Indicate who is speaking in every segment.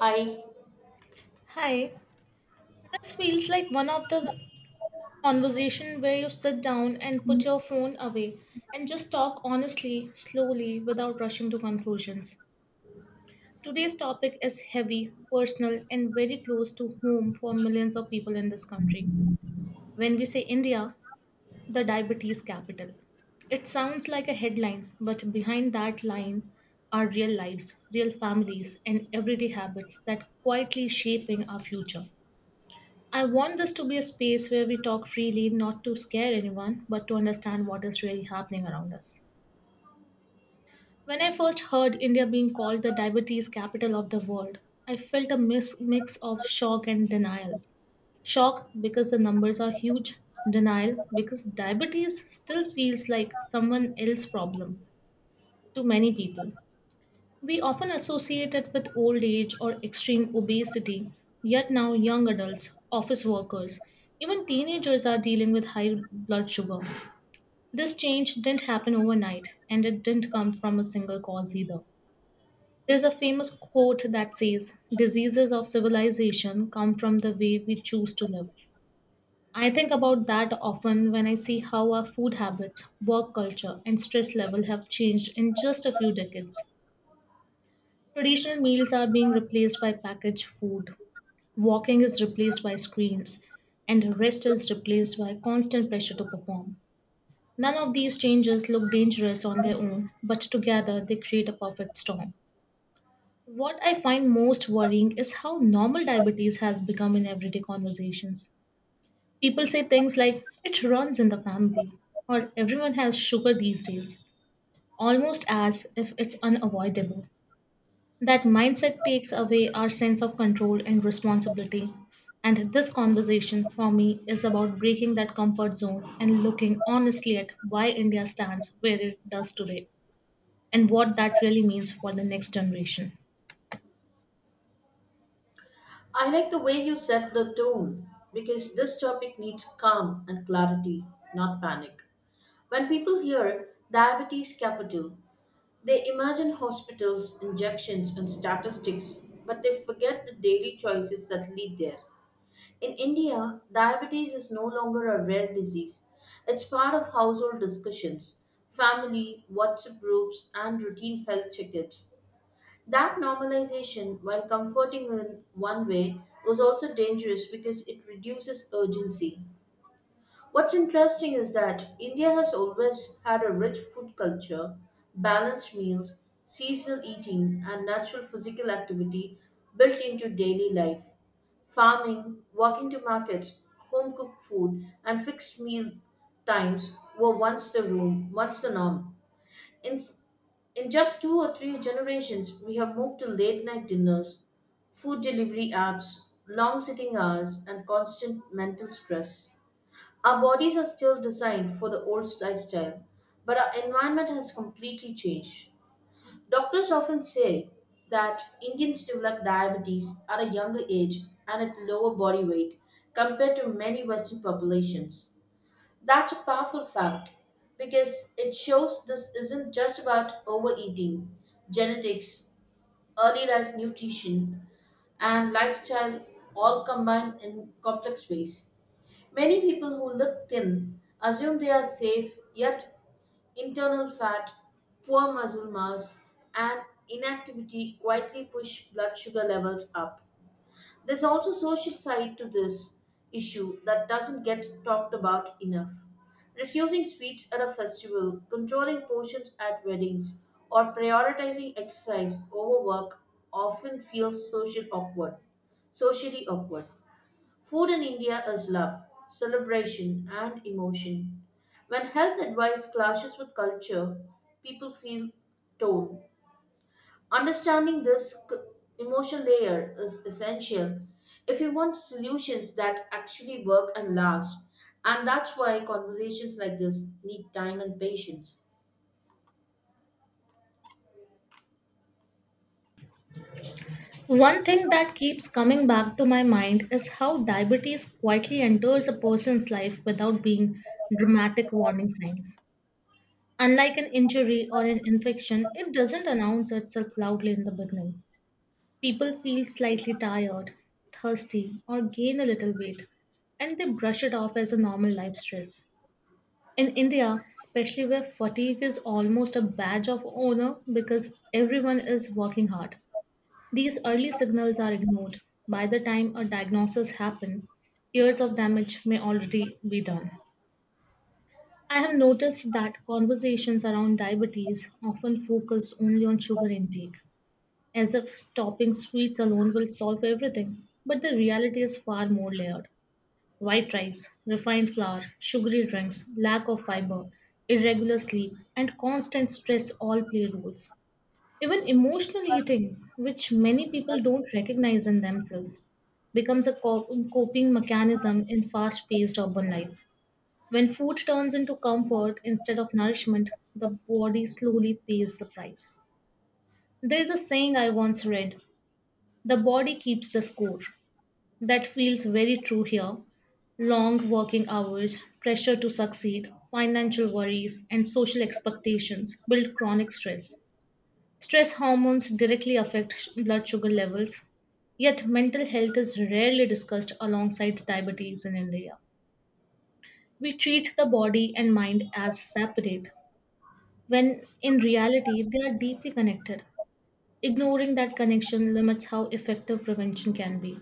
Speaker 1: Hi,
Speaker 2: Hi, this feels like one of the conversation where you sit down and put your phone away and just talk honestly, slowly, without rushing to conclusions. Today's topic is heavy, personal, and very close to home for millions of people in this country. When we say India, the diabetes capital. It sounds like a headline, but behind that line are real lives, real families, and everyday habits that quietly shaping our future. I want this to be a space where we talk freely, not to scare anyone, but to understand what is really happening around us. When I first heard India being called the diabetes capital of the world, I felt a mix of shock and denial. Shock because the numbers are huge, denial because diabetes still feels like someone else's problem to many people. We often associate it with old age or extreme obesity, yet now young adults, office workers, even teenagers are dealing with high blood sugar. This change didn't happen overnight, and it didn't come from a single cause either. There's a famous quote that says, Diseases of civilization come from the way we choose to live. I think about that often when I see how our food habits, work culture, and stress level have changed in just a few decades. Traditional meals are being replaced by packaged food, walking is replaced by screens, and rest is replaced by constant pressure to perform. None of these changes look dangerous on their own, but together they create a perfect storm. What I find most worrying is how normal diabetes has become in everyday conversations. People say things like, it runs in the family, or everyone has sugar these days, almost as if it's unavoidable. That mindset takes away our sense of control and responsibility. And this conversation for me is about breaking that comfort zone and looking honestly at why India stands where it does today and what that really means for the next generation.
Speaker 1: I like the way you set the tone because this topic needs calm and clarity, not panic. When people hear diabetes capital, they imagine hospitals, injections, and statistics, but they forget the daily choices that lead there. In India, diabetes is no longer a rare disease, it's part of household discussions, family, WhatsApp groups, and routine health checkups. That normalization, while comforting in one way, was also dangerous because it reduces urgency. What's interesting is that India has always had a rich food culture, balanced meals, seasonal eating, and natural physical activity built into daily life. Farming, walking to markets, home cooked food, and fixed meal times were once the room, once the norm. In, in just two or three generations, we have moved to late night dinners, food delivery apps, long sitting hours, and constant mental stress. Our bodies are still designed for the old lifestyle, but our environment has completely changed. Doctors often say that Indians develop diabetes at a younger age and at lower body weight compared to many Western populations. That's a powerful fact because it shows this isn't just about overeating. Genetics, early life nutrition, and lifestyle all combine in complex ways. Many people who look thin assume they are safe, yet internal fat, poor muscle mass, and inactivity quietly push blood sugar levels up. There's also social side to this issue that doesn't get talked about enough. Refusing sweets at a festival, controlling portions at weddings, or prioritizing exercise over work often feels social awkward, socially awkward. Food in India is love, celebration, and emotion. When health advice clashes with culture, people feel torn. Understanding this emotion layer is essential if you want solutions that actually work and last. And that's why conversations like this need time and patience.
Speaker 2: One thing that keeps coming back to my mind is how diabetes quietly enters a person's life without being dramatic warning signs. Unlike an injury or an infection, it doesn't announce itself loudly in the beginning. People feel slightly tired, thirsty, or gain a little weight, and they brush it off as a normal life stress. In India, especially where fatigue is almost a badge of honor because everyone is working hard, these early signals are ignored. By the time a diagnosis happens, years of damage may already be done. I have noticed that conversations around diabetes often focus only on sugar intake, as if stopping sweets alone will solve everything. But the reality is far more layered. White rice, refined flour, sugary drinks, lack of fiber, irregular sleep, and constant stress all play roles. Even emotional eating, which many people don't recognize in themselves, becomes a coping mechanism in fast paced urban life. When food turns into comfort instead of nourishment, the body slowly pays the price. There is a saying I once read the body keeps the score. That feels very true here. Long working hours, pressure to succeed, financial worries, and social expectations build chronic stress. Stress hormones directly affect blood sugar levels, yet, mental health is rarely discussed alongside diabetes in India. We treat the body and mind as separate, when in reality, they are deeply connected. Ignoring that connection limits how effective prevention can be.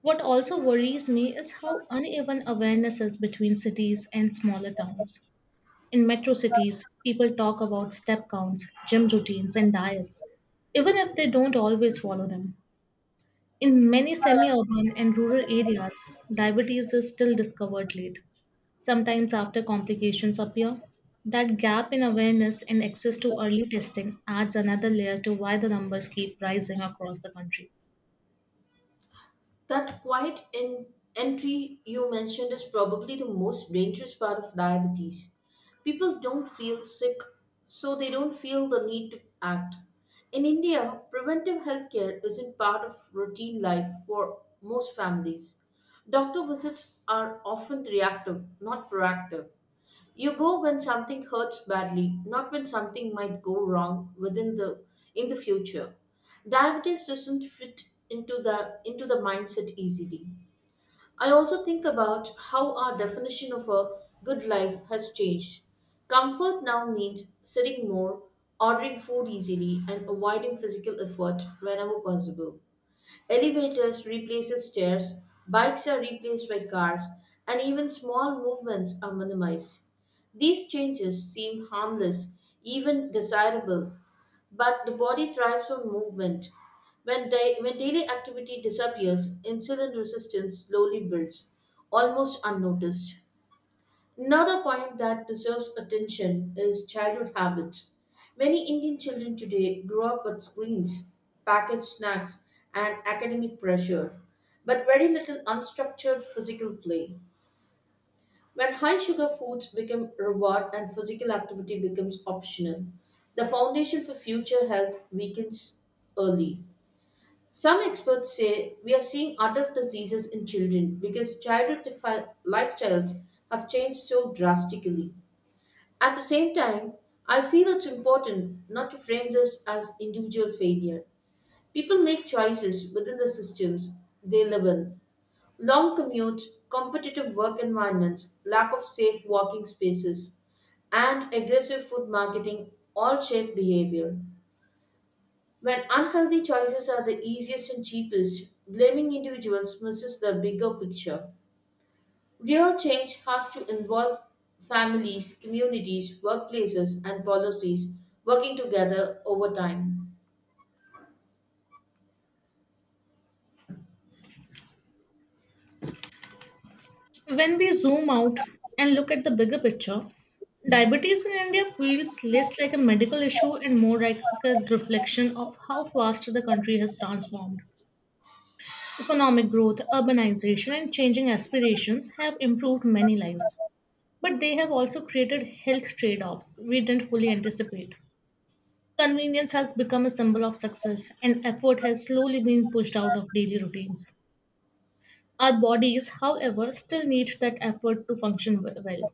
Speaker 2: What also worries me is how uneven awareness is between cities and smaller towns. In metro cities, people talk about step counts, gym routines, and diets, even if they don't always follow them. In many semi urban and rural areas, diabetes is still discovered late, sometimes after complications appear. That gap in awareness and access to early testing adds another layer to why the numbers keep rising across the country.
Speaker 1: That quiet entry you mentioned is probably the most dangerous part of diabetes. People don't feel sick, so they don't feel the need to act. In India, preventive healthcare isn't part of routine life for most families. Doctor visits are often reactive, not proactive. You go when something hurts badly, not when something might go wrong within the in the future. Diabetes doesn't fit into the mindset easily. I also think about how our definition of a good life has changed. Comfort now means sitting more, ordering food easily, and avoiding physical effort whenever possible. Elevators replaces stairs, bikes are replaced by cars, and even small movements are minimized. These changes seem harmless, even desirable, but the body thrives on movement. When daily activity disappears, insulin resistance slowly builds, almost unnoticed. Another point that deserves attention is childhood habits. Many Indian children today grow up with screens, packaged snacks, and academic pressure, but very little unstructured physical play. When high sugar foods become reward and physical activity becomes optional, the foundation for future health weakens early. Some experts say we are seeing adult diseases in children because childhood lifestyles have changed so drastically. At the same time, I feel it's important not to frame this as individual failure. People make choices within the systems they live in. Long commutes, competitive work environments, lack of safe walking spaces, and aggressive food marketing all shape behavior. When unhealthy choices are the easiest and cheapest, blaming individuals misses the bigger picture. Real change has to involve families, communities, workplaces, and policies working together over time.
Speaker 2: When we zoom out and look at the bigger picture, diabetes in India feels less like a medical issue and more like a reflection of how fast the country has transformed. Economic growth, urbanization, and changing aspirations have improved many lives, but they have also created health trade offs we didn't fully anticipate. Convenience has become a symbol of success, and effort has slowly been pushed out of daily routines. Our bodies, however, still need that effort to function well.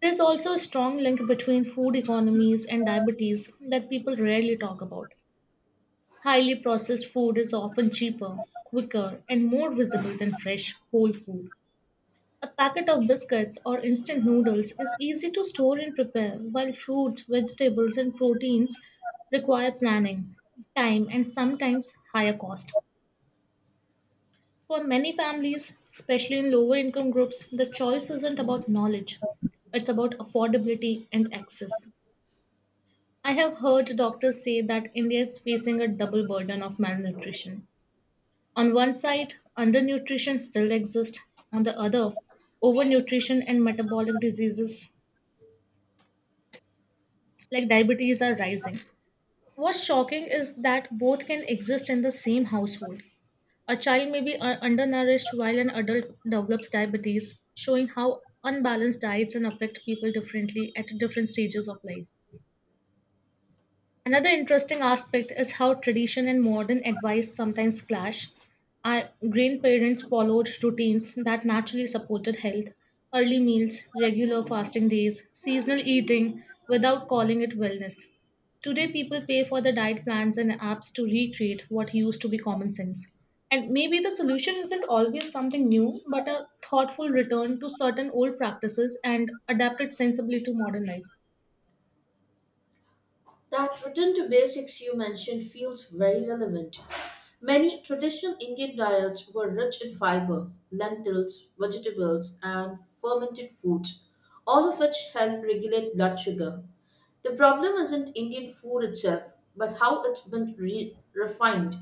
Speaker 2: There's also a strong link between food economies and diabetes that people rarely talk about. Highly processed food is often cheaper, quicker, and more visible than fresh, whole food. A packet of biscuits or instant noodles is easy to store and prepare, while fruits, vegetables, and proteins require planning, time, and sometimes higher cost. For many families, especially in lower income groups, the choice isn't about knowledge, it's about affordability and access. I have heard doctors say that India is facing a double burden of malnutrition. On one side, undernutrition still exists, on the other, overnutrition and metabolic diseases like diabetes are rising. What's shocking is that both can exist in the same household. A child may be undernourished while an adult develops diabetes, showing how unbalanced diets can affect people differently at different stages of life. Another interesting aspect is how tradition and modern advice sometimes clash. Our grandparents followed routines that naturally supported health, early meals, regular fasting days, seasonal eating without calling it wellness. Today, people pay for the diet plans and apps to recreate what used to be common sense. And maybe the solution isn't always something new, but a thoughtful return to certain old practices and adapted sensibly to modern life.
Speaker 1: That return to basics you mentioned feels very relevant. Many traditional Indian diets were rich in fiber, lentils, vegetables, and fermented foods, all of which help regulate blood sugar. The problem isn't Indian food itself, but how it's been refined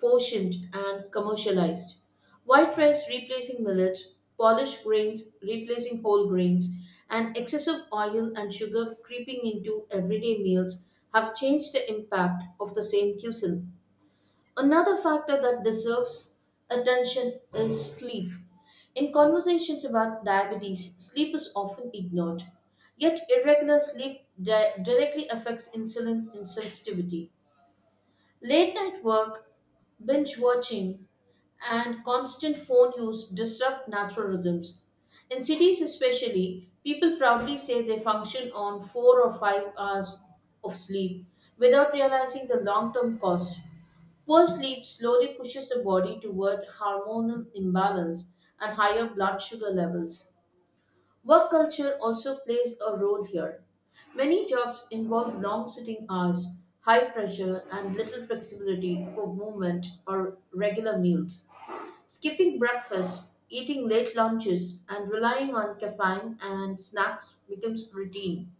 Speaker 1: portioned and commercialized. White rice replacing millet, polished grains replacing whole grains, and excessive oil and sugar creeping into everyday meals have changed the impact of the same cuisine. Another factor that deserves attention is sleep. In conversations about diabetes, sleep is often ignored. Yet, irregular sleep directly affects insulin insensitivity. Late night work, binge watching, and constant phone use disrupt natural rhythms. In cities, especially, people proudly say they function on 4 or 5 hours of sleep without realizing the long term cost. Poor sleep slowly pushes the body toward hormonal imbalance and higher blood sugar levels. Work culture also plays a role here. Many jobs involve long sitting hours, high pressure, and little flexibility for movement or regular meals. Skipping breakfast, eating late lunches, and relying on caffeine and snacks becomes routine.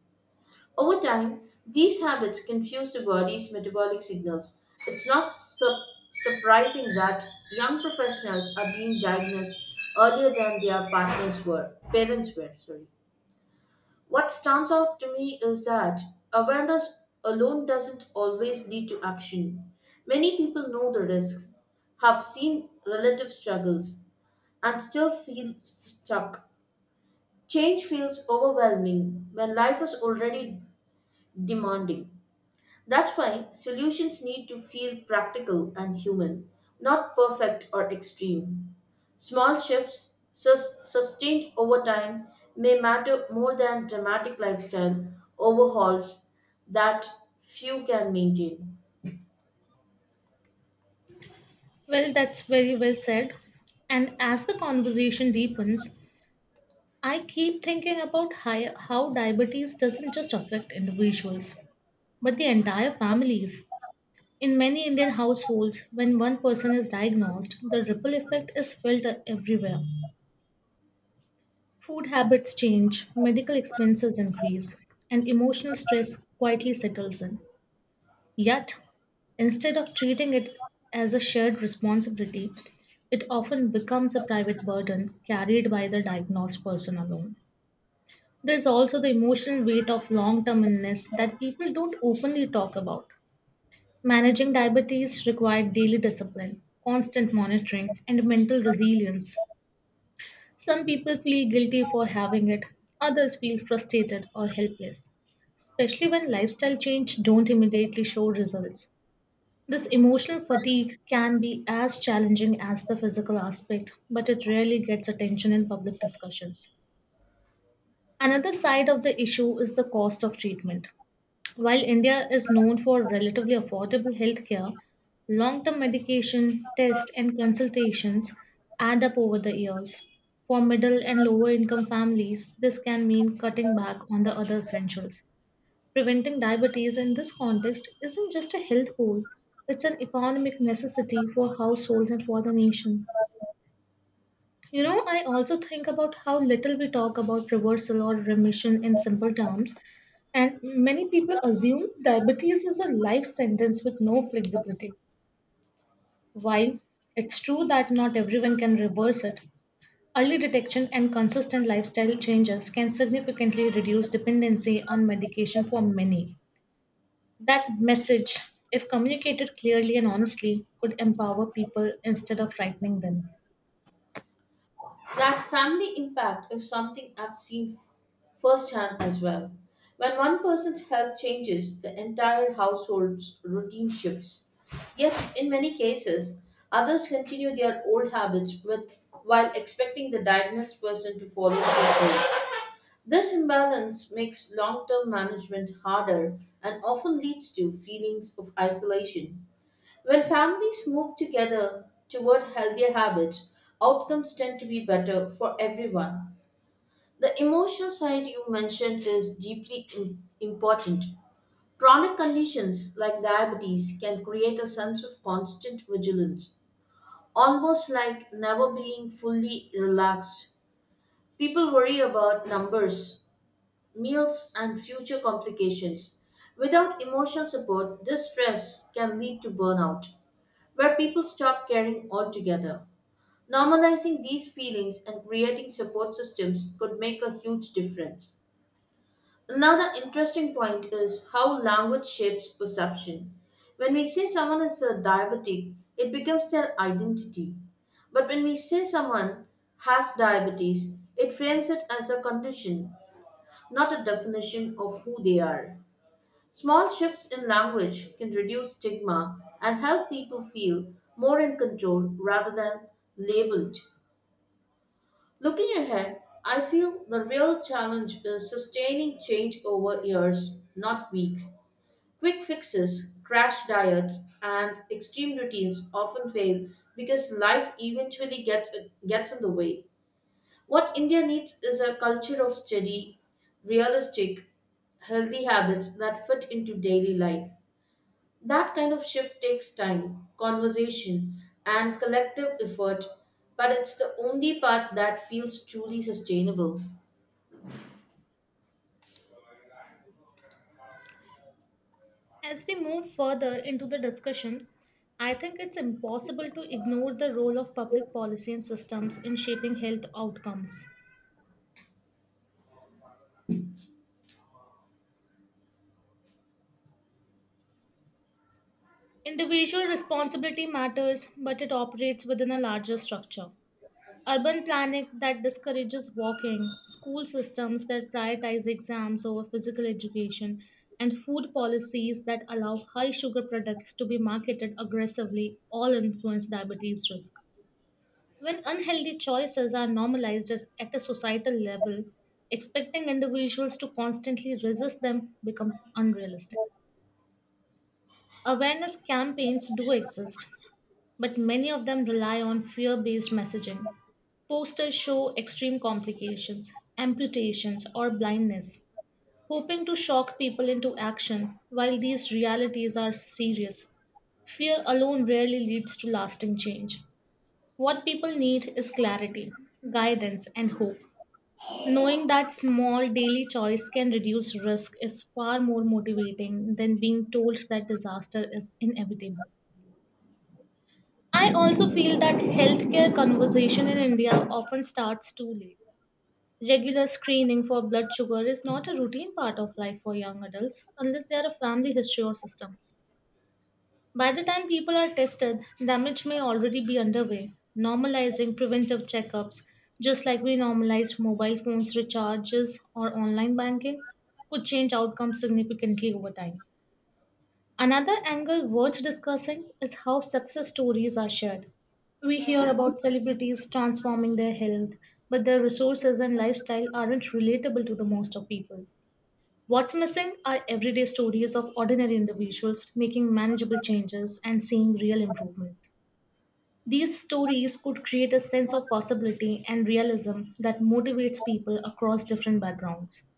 Speaker 1: Over time, these habits confuse the body's metabolic signals. It's not surprising that young professionals are being diagnosed earlier than their partners were, parents were, sorry. What stands out to me is that awareness alone doesn't always lead to action. Many people know the risks, have seen relative struggles, and still feel stuck. Change feels overwhelming when life is already demanding. That's why solutions need to feel practical and human, not perfect or extreme. Small shifts, sustained over time, may matter more than dramatic lifestyle overhauls that few can maintain.
Speaker 2: Well, that's very well said. And as the conversation deepens, I keep thinking about how diabetes doesn't just affect individuals, but the entire families. In many Indian households, when one person is diagnosed, the ripple effect is felt everywhere. Food habits change, medical expenses increase, and emotional stress quietly settles in. Yet, instead of treating it as a shared responsibility, it often becomes a private burden carried by the diagnosed person alone. There's also the emotional weight of long term illness that people don't openly talk about. Managing diabetes required daily discipline, constant monitoring, and mental resilience. Some people feel guilty for having it, others feel frustrated or helpless, especially when lifestyle change don't immediately show results. This emotional fatigue can be as challenging as the physical aspect, but it rarely gets attention in public discussions. Another side of the issue is the cost of treatment. While India is known for relatively affordable healthcare, long term medication, tests, and consultations add up over the years. For middle and lower income families, this can mean cutting back on the other essentials. Preventing diabetes in this context isn't just a health goal, it's an economic necessity for households and for the nation. You know, I also think about how little we talk about reversal or remission in simple terms, and many people assume diabetes is a life sentence with no flexibility. While it's true that not everyone can reverse it, early detection and consistent lifestyle changes can significantly reduce dependency on medication for many. That message, if communicated clearly and honestly, could empower people instead of frightening them.
Speaker 1: That family impact is something I've seen firsthand as well. When one person's health changes, the entire household's routine shifts. Yet, in many cases, others continue their old habits with, while expecting the diagnosed person to follow through. This imbalance makes long term management harder and often leads to feelings of isolation. When families move together toward healthier habits, outcomes tend to be better for everyone. The emotional side you mentioned is deeply important. Chronic conditions like diabetes can create a sense of constant vigilance, almost like never being fully relaxed. People worry about numbers, meals, and future complications. Without emotional support, this stress can lead to burnout where people stop caring altogether. Normalizing these feelings and creating support systems could make a huge difference. Another interesting point is how language shapes perception. When we say someone is a diabetic, it becomes their identity. But when we say someone has diabetes, it frames it as a condition, not a definition of who they are. Small shifts in language can reduce stigma and help people feel more in control rather than labeled. Looking ahead, I feel the real challenge is sustaining change over years, not weeks. Quick fixes, crash diets, and extreme routines often fail because life eventually gets in the way. What India needs is a culture of steady, realistic, healthy habits that fit into daily life. That kind of shift takes time, conversation, and collective effort, but it's the only path that feels truly sustainable.
Speaker 2: As we move further into the discussion, I think it's impossible to ignore the role of public policy and systems in shaping health outcomes. Individual responsibility matters, but it operates within a larger structure. Urban planning that discourages walking, school systems that prioritize exams over physical education, and food policies that allow high sugar products to be marketed aggressively all influence diabetes risk. When unhealthy choices are normalized at a societal level, expecting individuals to constantly resist them becomes unrealistic. Awareness campaigns do exist, but many of them rely on fear based messaging. Posters show extreme complications, amputations, or blindness, hoping to shock people into action while these realities are serious. Fear alone rarely leads to lasting change. What people need is clarity, guidance, and hope. Knowing that small daily choice can reduce risk is far more motivating than being told that disaster is inevitable. I also feel that healthcare conversation in India often starts too late. Regular screening for blood sugar is not a routine part of life for young adults unless they are a family history or systems. By the time people are tested, damage may already be underway. Normalizing preventive checkups, just like we normalized mobile phones recharges or online banking, could change outcomes significantly over time. Another angle worth discussing is how success stories are shared. We hear about celebrities transforming their health, but their resources and lifestyle aren't relatable to the most of people. What's missing are everyday stories of ordinary individuals making manageable changes and seeing real improvements. These stories could create a sense of possibility and realism that motivates people across different backgrounds.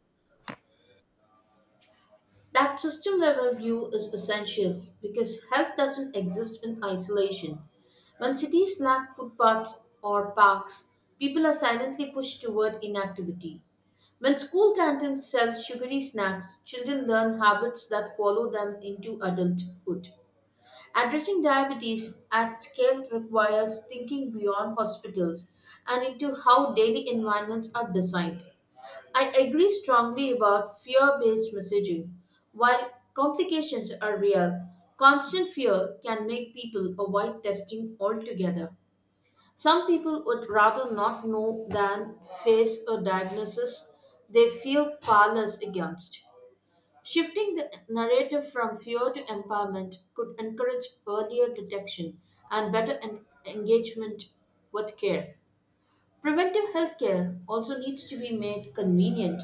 Speaker 1: That system level view is essential because health doesn't exist in isolation. When cities lack footpaths or parks, people are silently pushed toward inactivity. When school canteens sell sugary snacks, children learn habits that follow them into adulthood. Addressing diabetes at scale requires thinking beyond hospitals and into how daily environments are designed. I agree strongly about fear based messaging. While complications are real, constant fear can make people avoid testing altogether. Some people would rather not know than face a diagnosis they feel powerless against. Shifting the narrative from fear to empowerment could encourage earlier detection and better engagement with care. Preventive healthcare also needs to be made convenient.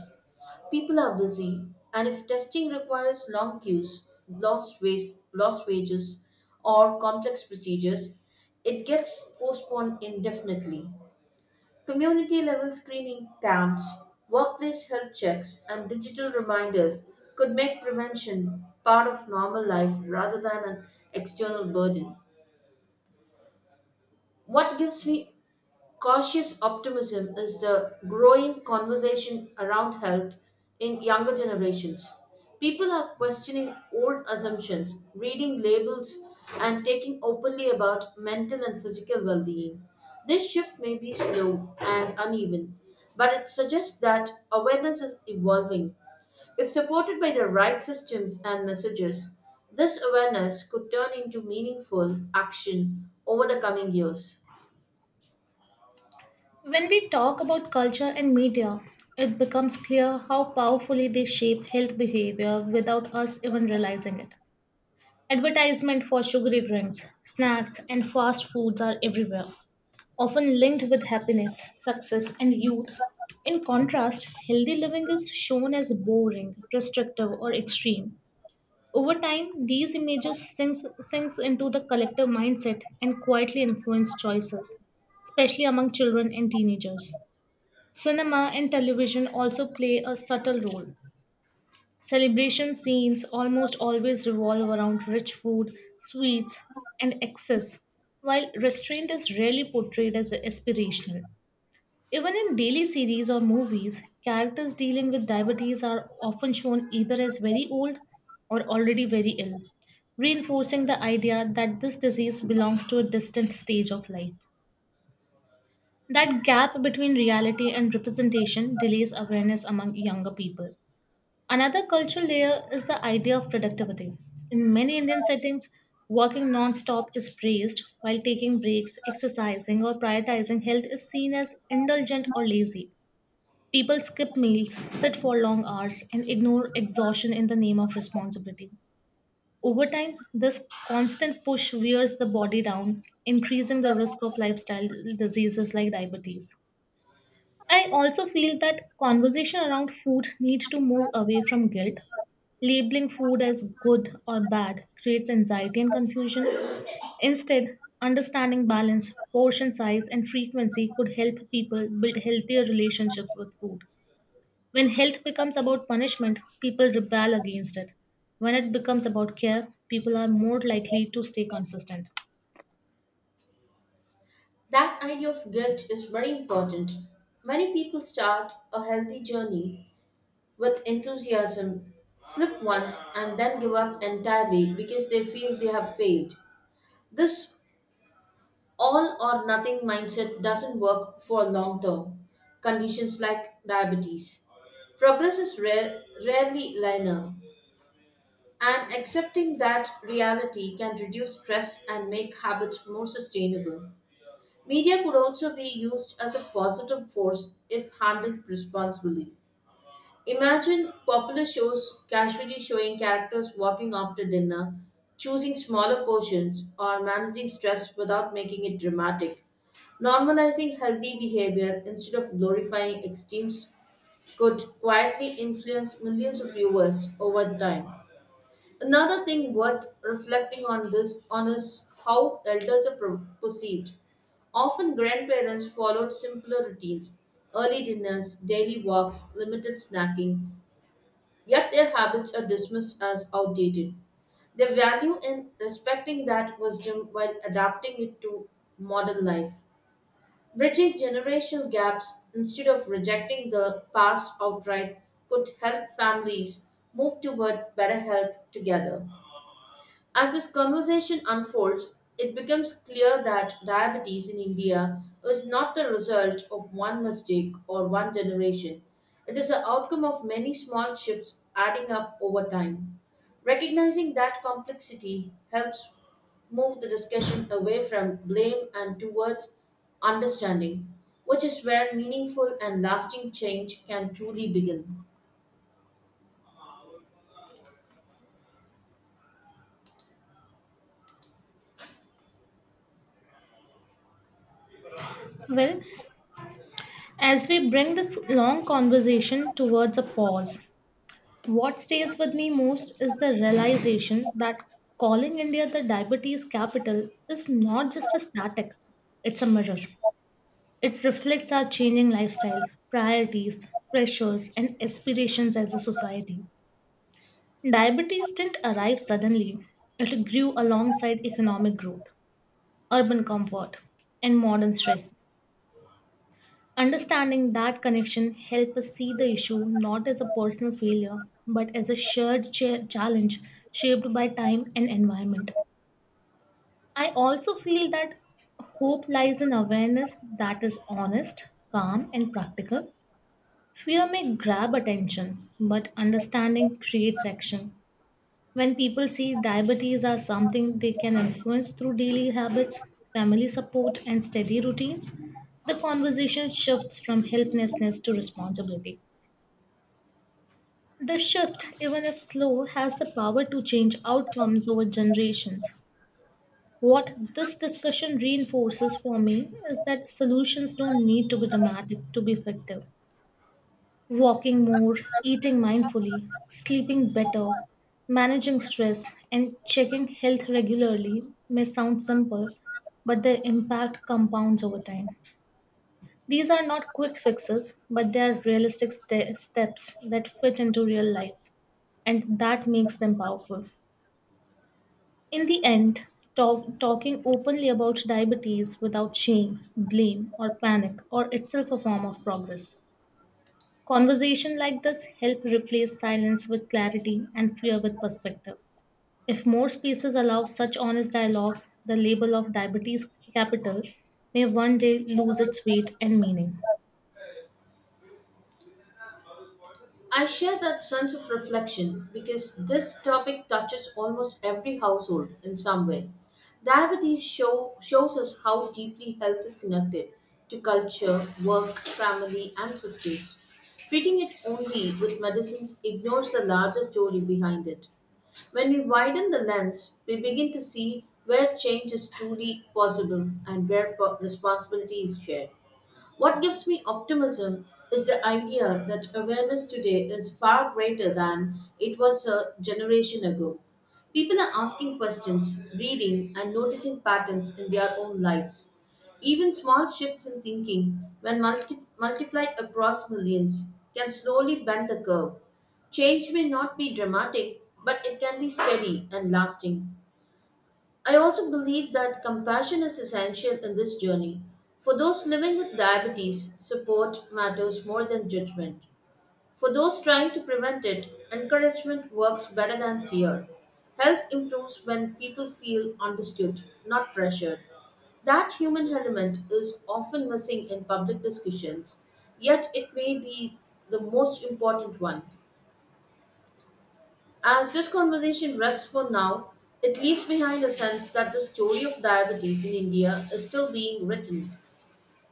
Speaker 1: People are busy, and if testing requires long queues, lost wages, or complex procedures, it gets postponed indefinitely. Community level screening camps, workplace health checks, and digital reminders could make prevention part of normal life rather than an external burden. What gives me cautious optimism is the growing conversation around health in younger generations. People are questioning old assumptions, reading labels, and taking openly about mental and physical well being. This shift may be slow and uneven, but it suggests that awareness is evolving. If supported by the right systems and messages, this awareness could turn into meaningful action over the coming years.
Speaker 2: When we talk about culture and media, it becomes clear how powerfully they shape health behavior without us even realizing it. Advertisement for sugary drinks, snacks, and fast foods are everywhere, often linked with happiness, success, and youth. In contrast, healthy living is shown as boring, restrictive, or extreme. Over time, these images sinks into the collective mindset and quietly influence choices, especially among children and teenagers. Cinema and television also play a subtle role. Celebration scenes almost always revolve around rich food, sweets, and excess, while restraint is rarely portrayed as aspirational. Even in daily series or movies, characters dealing with diabetes are often shown either as very old or already very ill, reinforcing the idea that this disease belongs to a distant stage of life. That gap between reality and representation delays awareness among younger people. Another cultural layer is the idea of productivity. In many Indian settings, working non stop is praised, while taking breaks, exercising, or prioritizing health is seen as indulgent or lazy. People skip meals, sit for long hours, and ignore exhaustion in the name of responsibility. Over time, this constant push wears the body down, increasing the risk of lifestyle diseases like diabetes. I also feel that conversation around food needs to move away from guilt. Labeling food as good or bad creates anxiety and confusion. Instead, understanding balance, portion size, and frequency could help people build healthier relationships with food. When health becomes about punishment, people rebel against it. When it becomes about care, people are more likely to stay consistent.
Speaker 1: That idea of guilt is very important. Many people start a healthy journey with enthusiasm, slip once, and then give up entirely because they feel they have failed. This all or nothing mindset doesn't work for long term conditions like diabetes. Progress is rarely linear, and accepting that reality can reduce stress and make habits more sustainable. Media could also be used as a positive force if handled responsibly. Imagine popular shows casually showing characters walking after dinner, choosing smaller portions, or managing stress without making it dramatic. Normalizing healthy behavior instead of glorifying extremes could quietly influence millions of viewers over time. Another thing worth reflecting on this on is how elders are perceived. Often grandparents followed simpler routines, early dinners, daily walks, limited snacking, yet their habits are dismissed as outdated. Their value in respecting that wisdom while adapting it to modern life. Bridging generational gaps instead of rejecting the past outright could help families move toward better health together. As this conversation unfolds, it becomes clear that diabetes in India is not the result of one mistake or one generation. It is the outcome of many small shifts adding up over time. Recognizing that complexity helps move the discussion away from blame and towards understanding, which is where meaningful and lasting change can truly begin.
Speaker 2: Well, as we bring this long conversation towards a pause, what stays with me most is the realization that calling India the diabetes capital is not just a static, it's a mirror. It reflects our changing lifestyle, priorities, pressures, and aspirations as a society. Diabetes didn't arrive suddenly, it grew alongside economic growth, urban comfort, and modern stress. Understanding that connection helps us see the issue not as a personal failure, but as a shared challenge shaped by time and environment. I also feel that hope lies in awareness that is honest, calm, and practical. Fear may grab attention, but understanding creates action. When people see diabetes as something they can influence through daily habits, family support, and steady routines, the conversation shifts from helplessness to responsibility. The shift, even if slow, has the power to change outcomes over generations. What this discussion reinforces for me is that solutions don't need to be dramatic to be effective. Walking more, eating mindfully, sleeping better, managing stress, and checking health regularly may sound simple, but their impact compounds over time. These are not quick fixes, but they are realistic steps that fit into real lives, and that makes them powerful. In the end, talking openly about diabetes without shame, blame, or panic, or itself a form of progress. Conversation like this help replace silence with clarity and fear with perspective. If more spaces allow such honest dialogue, the label of diabetes capital may one day lose its weight and meaning.
Speaker 1: I share that sense of reflection because this topic touches almost every household in some way. Shows us how deeply health is connected to culture, work, family, and systems. Treating it only with medicines ignores the larger story behind it. When we widen the lens, we begin to see where change is truly possible and where responsibility is shared. What gives me optimism is the idea that awareness today is far greater than it was a generation ago. People are asking questions, reading, and noticing patterns in their own lives. Even small shifts in thinking, when multiplied across millions, can slowly bend the curve. Change may not be dramatic, but it can be steady and lasting. I also believe that compassion is essential in this journey. For those living with diabetes, support matters more than judgment. For those trying to prevent it, encouragement works better than fear. Health improves when people feel understood, not pressured. That human element is often missing in public discussions, yet, it may be the most important one. As this conversation rests for now, it leaves behind a sense that the story of diabetes in India is still being written.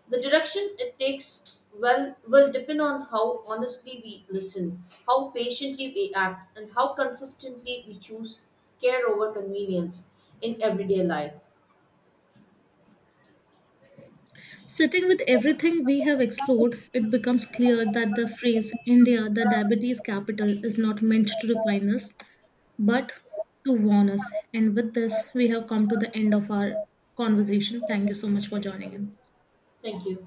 Speaker 1: The direction it takes well will depend on how honestly we listen, how patiently we act, and how consistently we choose care over convenience in everyday life.
Speaker 2: Sitting with everything we have explored, it becomes clear that the phrase India, the diabetes capital, is not meant to define us, but to warn us. And with this, we have come to the end of our conversation. Thank you so much for joining in.
Speaker 1: Thank you.